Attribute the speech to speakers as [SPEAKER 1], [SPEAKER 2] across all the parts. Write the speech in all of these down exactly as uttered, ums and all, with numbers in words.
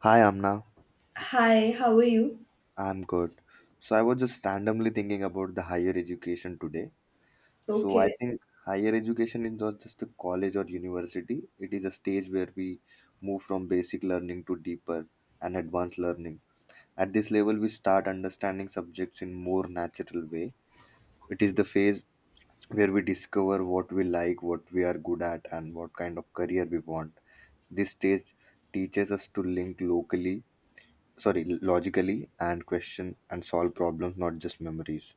[SPEAKER 1] Hi Amna,
[SPEAKER 2] Hi, how are you?
[SPEAKER 1] I'm good. So I was just randomly thinking about the higher education today. So I
[SPEAKER 2] Okay.
[SPEAKER 1] think higher education is not just a college or university. It is a stage where we move from basic learning to deeper and advanced learning. At this level we start understanding subjects in more natural way. It is the phase where we discover what we like, what we are good at and what kind of career we want. This stage teaches us to link locally sorry logically and question and solve problems not just memories.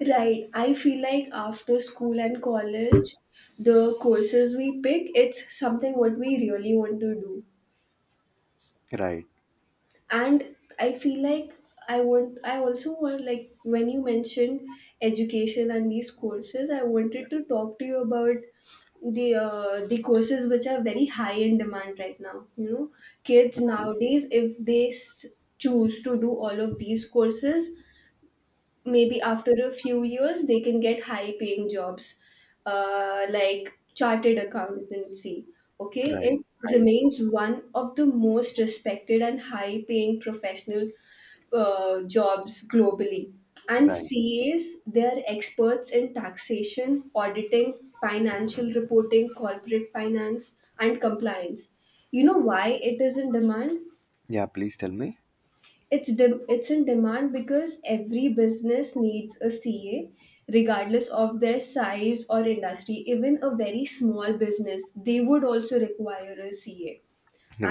[SPEAKER 2] Right. I feel like after school and college, the courses we pick, it's something what we really want to do.
[SPEAKER 1] Right.
[SPEAKER 2] And I feel like I want I also want, like, when you mentioned education and these courses, I wanted to talk to you about the uh, the courses which are very high in demand right now. You know, kids
[SPEAKER 1] Okay.
[SPEAKER 2] nowadays, if they s- choose to do all of these courses, maybe after a few years they can get high paying jobs, uh, like chartered accountancy. Okay,
[SPEAKER 1] Right,
[SPEAKER 2] it
[SPEAKER 1] right,
[SPEAKER 2] remains one of the most respected and high paying professional uh, jobs globally. And
[SPEAKER 1] right.
[SPEAKER 2] C As, they are experts in taxation, auditing, financial reporting, corporate finance, and compliance. You know why it is in demand?
[SPEAKER 1] Yeah, please tell me.
[SPEAKER 2] It's de- it's in demand because every business needs a C A, regardless of their size or industry. Even a very small business, they would also require a C A.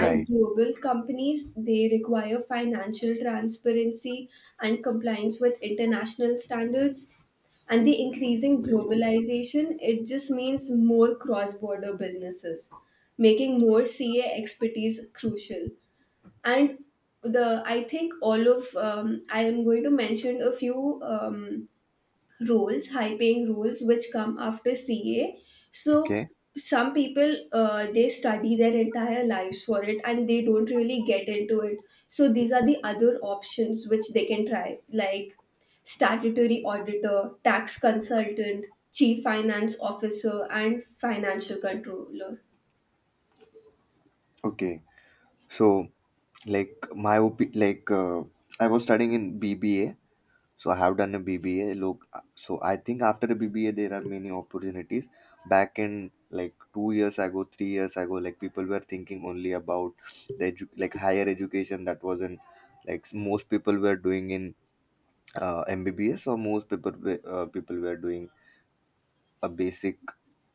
[SPEAKER 2] And global companies, they require financial transparency and compliance with international standards. And the increasing globalization, it just means more cross border businesses, making more C A expertise crucial. And the I think, all of um, I am going to mention a few, um, roles, high paying roles, which come after C A. So
[SPEAKER 1] Okay.
[SPEAKER 2] some people, uh, they study their entire lives for it and they don't really get into it, so these are the other options which they can try, like statutory auditor, tax consultant, chief finance officer, and financial controller.
[SPEAKER 1] Okay. So, like, my op like, uh, I was studying in B B A, so I have done a B B A look, uh, so I think after the B B A there are many opportunities back in like two years ago, three years ago, like people were thinking only about the edu- like higher education, that was in, like, most people were doing in, uh, M B B S, so most people were- uh, people were doing a basic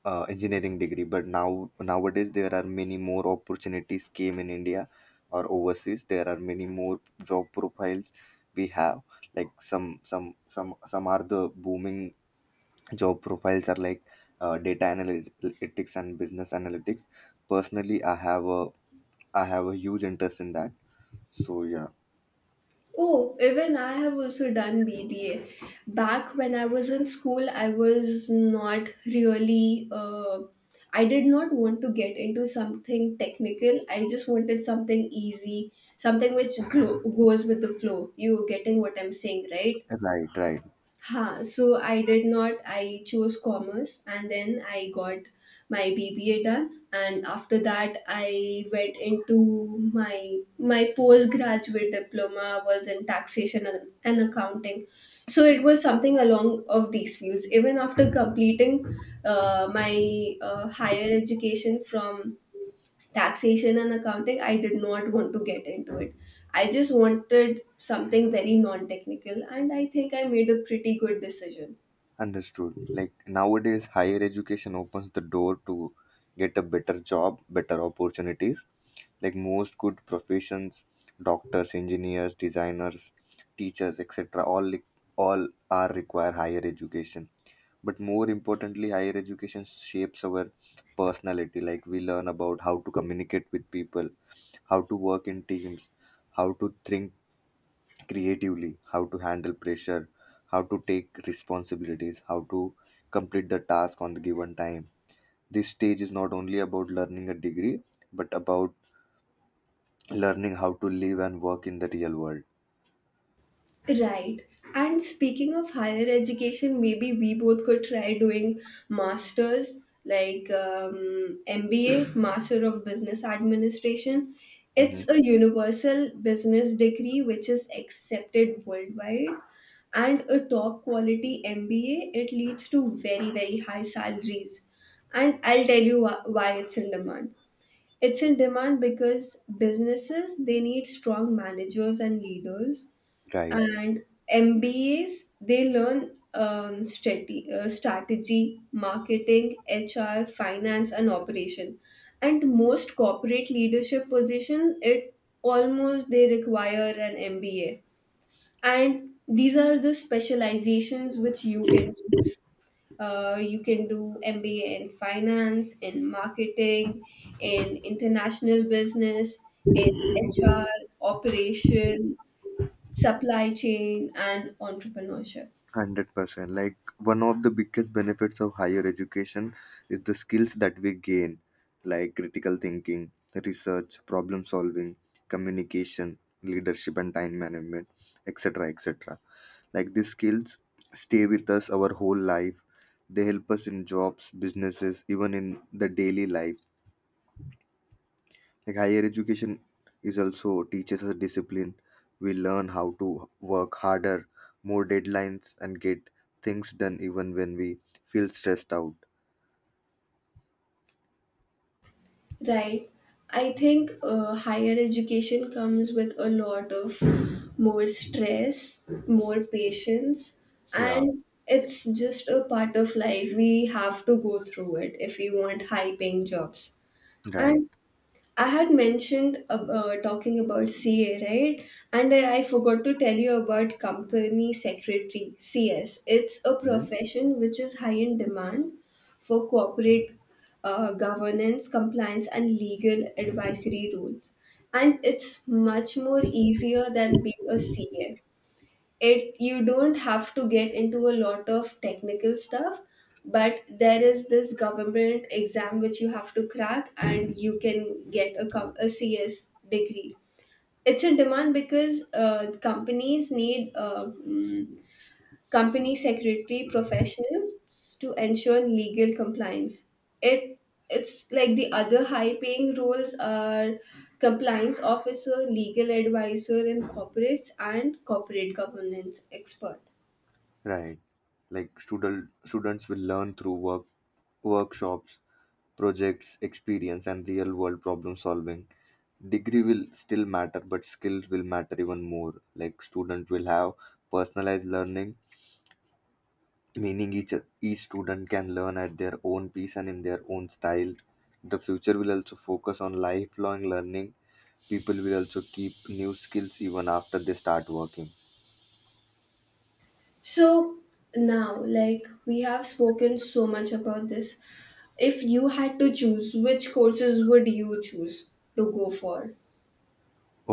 [SPEAKER 1] uh, engineering degree. But now nowadays there are many more opportunities came in India or overseas. There are many more job profiles we have. Like some some some some are the booming job profiles are like uh, data analytics and business analytics. Personally, I have a I have a huge interest in that. So yeah.
[SPEAKER 2] Oh, even I have also done B B A. Back when I was in school, I was not really, uh, I did not want to get into something technical. I just wanted something easy, something which glo- goes with the flow. You getting what I'm saying, right?
[SPEAKER 1] Right, right.
[SPEAKER 2] Ha, so I did not. I chose commerce and then I got my B B A done, and after that I went into my, my postgraduate diploma was in taxation and and accounting. So it was something along of these fields. Even after completing uh, my uh, higher education from taxation and accounting, I did not want to get into it. I just wanted something very non technical, and I think I made a pretty good decision.
[SPEAKER 1] Understood. Like nowadays, higher education opens the door to get a better job, better opportunities. Like most good professions, doctors, engineers, designers, teachers, et cetera, All li- all are require higher education. But more importantly, higher education shapes our personality. Like we learn about how to communicate with people, how to work in teams, how to think creatively, how to handle pressure, how to take responsibilities, how to complete the task on the given time. This stage is not only about learning a degree, but about learning how to live and work in the real world.
[SPEAKER 2] Right. And speaking of higher education, maybe we both could try doing masters, like, um, M B A, Master of Business Administration.
[SPEAKER 1] Hmm.
[SPEAKER 2] It's a universal business degree which is accepted worldwide. And a top quality M B A, it leads to very, very high salaries. And I'll tell you wh- why it's in demand. It's in demand because businesses, they need strong managers and leaders,
[SPEAKER 1] Right.
[SPEAKER 2] and M B As, they learn, um, strate- uh, strategy, marketing, H R, finance, and operation. And most corporate leadership position, it almost, they require an M B A. And these are the specializations which you can choose. Uh, you can do M B A in finance, in marketing, in international business, in H R, operation, supply chain, and entrepreneurship.
[SPEAKER 1] one hundred percent. Like, one of the biggest benefits of higher education is the skills that we gain, like critical thinking, research, problem solving, communication, leadership and time management, et cetera et cetera. Like these skills stay with us our whole life. They help us in jobs, businesses, even in the daily life. Like higher education is also teaches us discipline. We learn how to work harder, more deadlines, and get things done even when we feel stressed out.
[SPEAKER 2] Right. I think, uh, higher education comes with a lot of more stress, more patience,
[SPEAKER 1] Yeah,
[SPEAKER 2] and it's just a part of life. We have to go through it if we want high paying jobs.
[SPEAKER 1] right.
[SPEAKER 2] And I had mentioned ab- uh, talking about C A, right? And I, I forgot to tell you about company secretary, C S. It's a
[SPEAKER 1] Mhm.
[SPEAKER 2] profession which is high in demand for corporate uh, governance, compliance, and legal advisory roles. And it's much more easier than being a C A. It, you don't have to get into a lot of technical stuff, but there is this government exam which you have to crack and you can get a, com- a C S degree. It's in demand because, uh, companies need, uh, company secretary professionals to ensure legal compliance. It it's like the other high paying roles are compliance officer, legal advisor in corporates, and corporate governance expert.
[SPEAKER 1] Right. Like student students will learn through work workshops, projects, experience, and real world problem solving. Degree will still matter but skills will matter even more. Like student will have personalized learning, meaning each each student can learn at their own pace and in their own style. The future will also focus on lifelong learning. People will also keep new skills even after they start working.
[SPEAKER 2] So, now, like, we have spoken so much about this. If you had to choose, which courses would you choose to go for?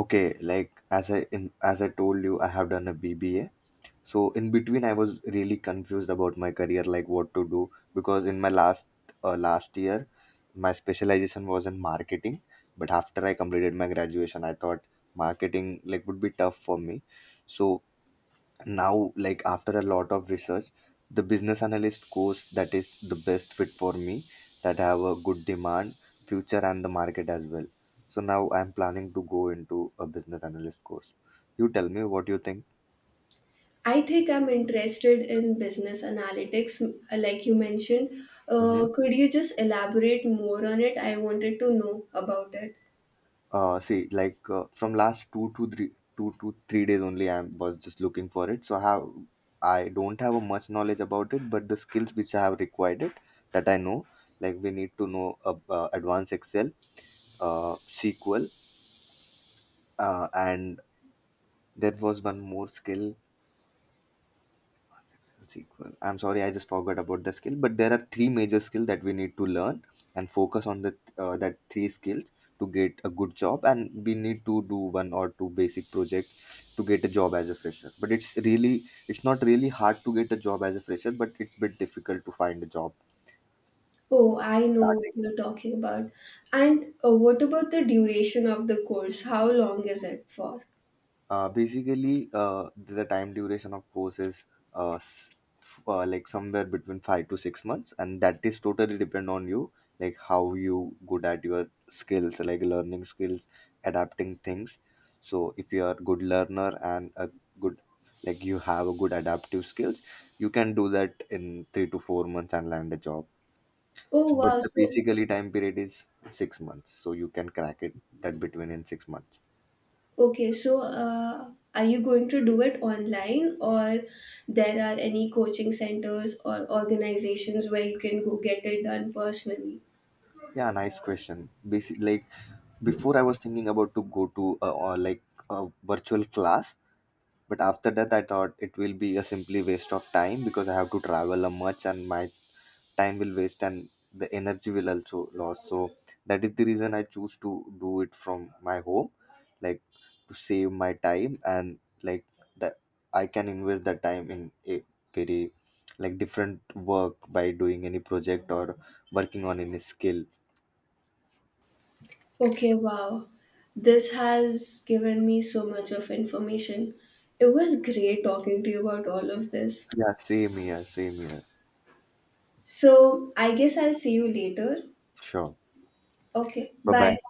[SPEAKER 1] Okay. Like as i in, as I told you, I have done a bba, so in between I was really confused about my career, like what to do, because in my last, uh, last year my specialization was in marketing, but after I completed my graduation I thought marketing, like, would be tough for me. So now, like, after a lot of research, the business analyst course, that is the best fit for me, that have a good demand future and the market as well. So now I'm planning to go into a business analyst course. You tell me what you think.
[SPEAKER 2] I think I'm interested in business analytics, m- like you mentioned.
[SPEAKER 1] Mm-hmm.
[SPEAKER 2] Uh, could you just elaborate more on it? I wanted to know about it.
[SPEAKER 1] Uh, see, like, uh, from last two to three, two to three, days only, I was just looking for it. So I have, I don't have a much knowledge about it, but the skills which I have required it, that I know, like we need to know uh, uh, advanced Excel, uh, S Q L, uh, and there was one more skill. S Q L. I'm sorry, I just forgot about the skill. But there are three major skills that we need to learn and focus on the uh, that three skills to get a good job. And we need to do one or two basic projects to get a job as a fresher. But it's really it's not really hard to get a job as a fresher, but it's bit difficult to find a job
[SPEAKER 2] Oh, I know what
[SPEAKER 1] starting.
[SPEAKER 2] you're talking about. And, uh, what about the duration of the course? How long is it for?
[SPEAKER 1] Uh, basically, uh, the time duration of course is uh, s- f- uh, like somewhere between five to six months, and that is totally depend on you, like how you good at your skills, like learning skills, adapting things. So if you are good learner and a good like you have a good adaptive skills, you can do that in three to four months and land a job.
[SPEAKER 2] Oh,
[SPEAKER 1] But
[SPEAKER 2] wow.
[SPEAKER 1] the
[SPEAKER 2] So,
[SPEAKER 1] basically time period is six months, so you can crack it that between in six months.
[SPEAKER 2] okay. So, uh, are you going to do it online, or there are any coaching centers or organizations where you can go get it done personally?
[SPEAKER 1] Yeah, nice question. Basic like Before I was thinking about to go to a, or like a virtual class, but after that I thought it will be a simply waste of time because I have to travel a much and my time will waste and the energy will also lost. So that is the reason I choose to do it from my home, like to save my time and like that I can invest the time in a very like different work by doing any project or working on any skill.
[SPEAKER 2] Okay, wow. This has given me so much of information. It was great talking to you about all of this.
[SPEAKER 1] Yeah, same here, same here.
[SPEAKER 2] So, I guess I'll see you later.
[SPEAKER 1] Sure.
[SPEAKER 2] Okay,
[SPEAKER 1] Bye
[SPEAKER 2] bye.
[SPEAKER 1] bye.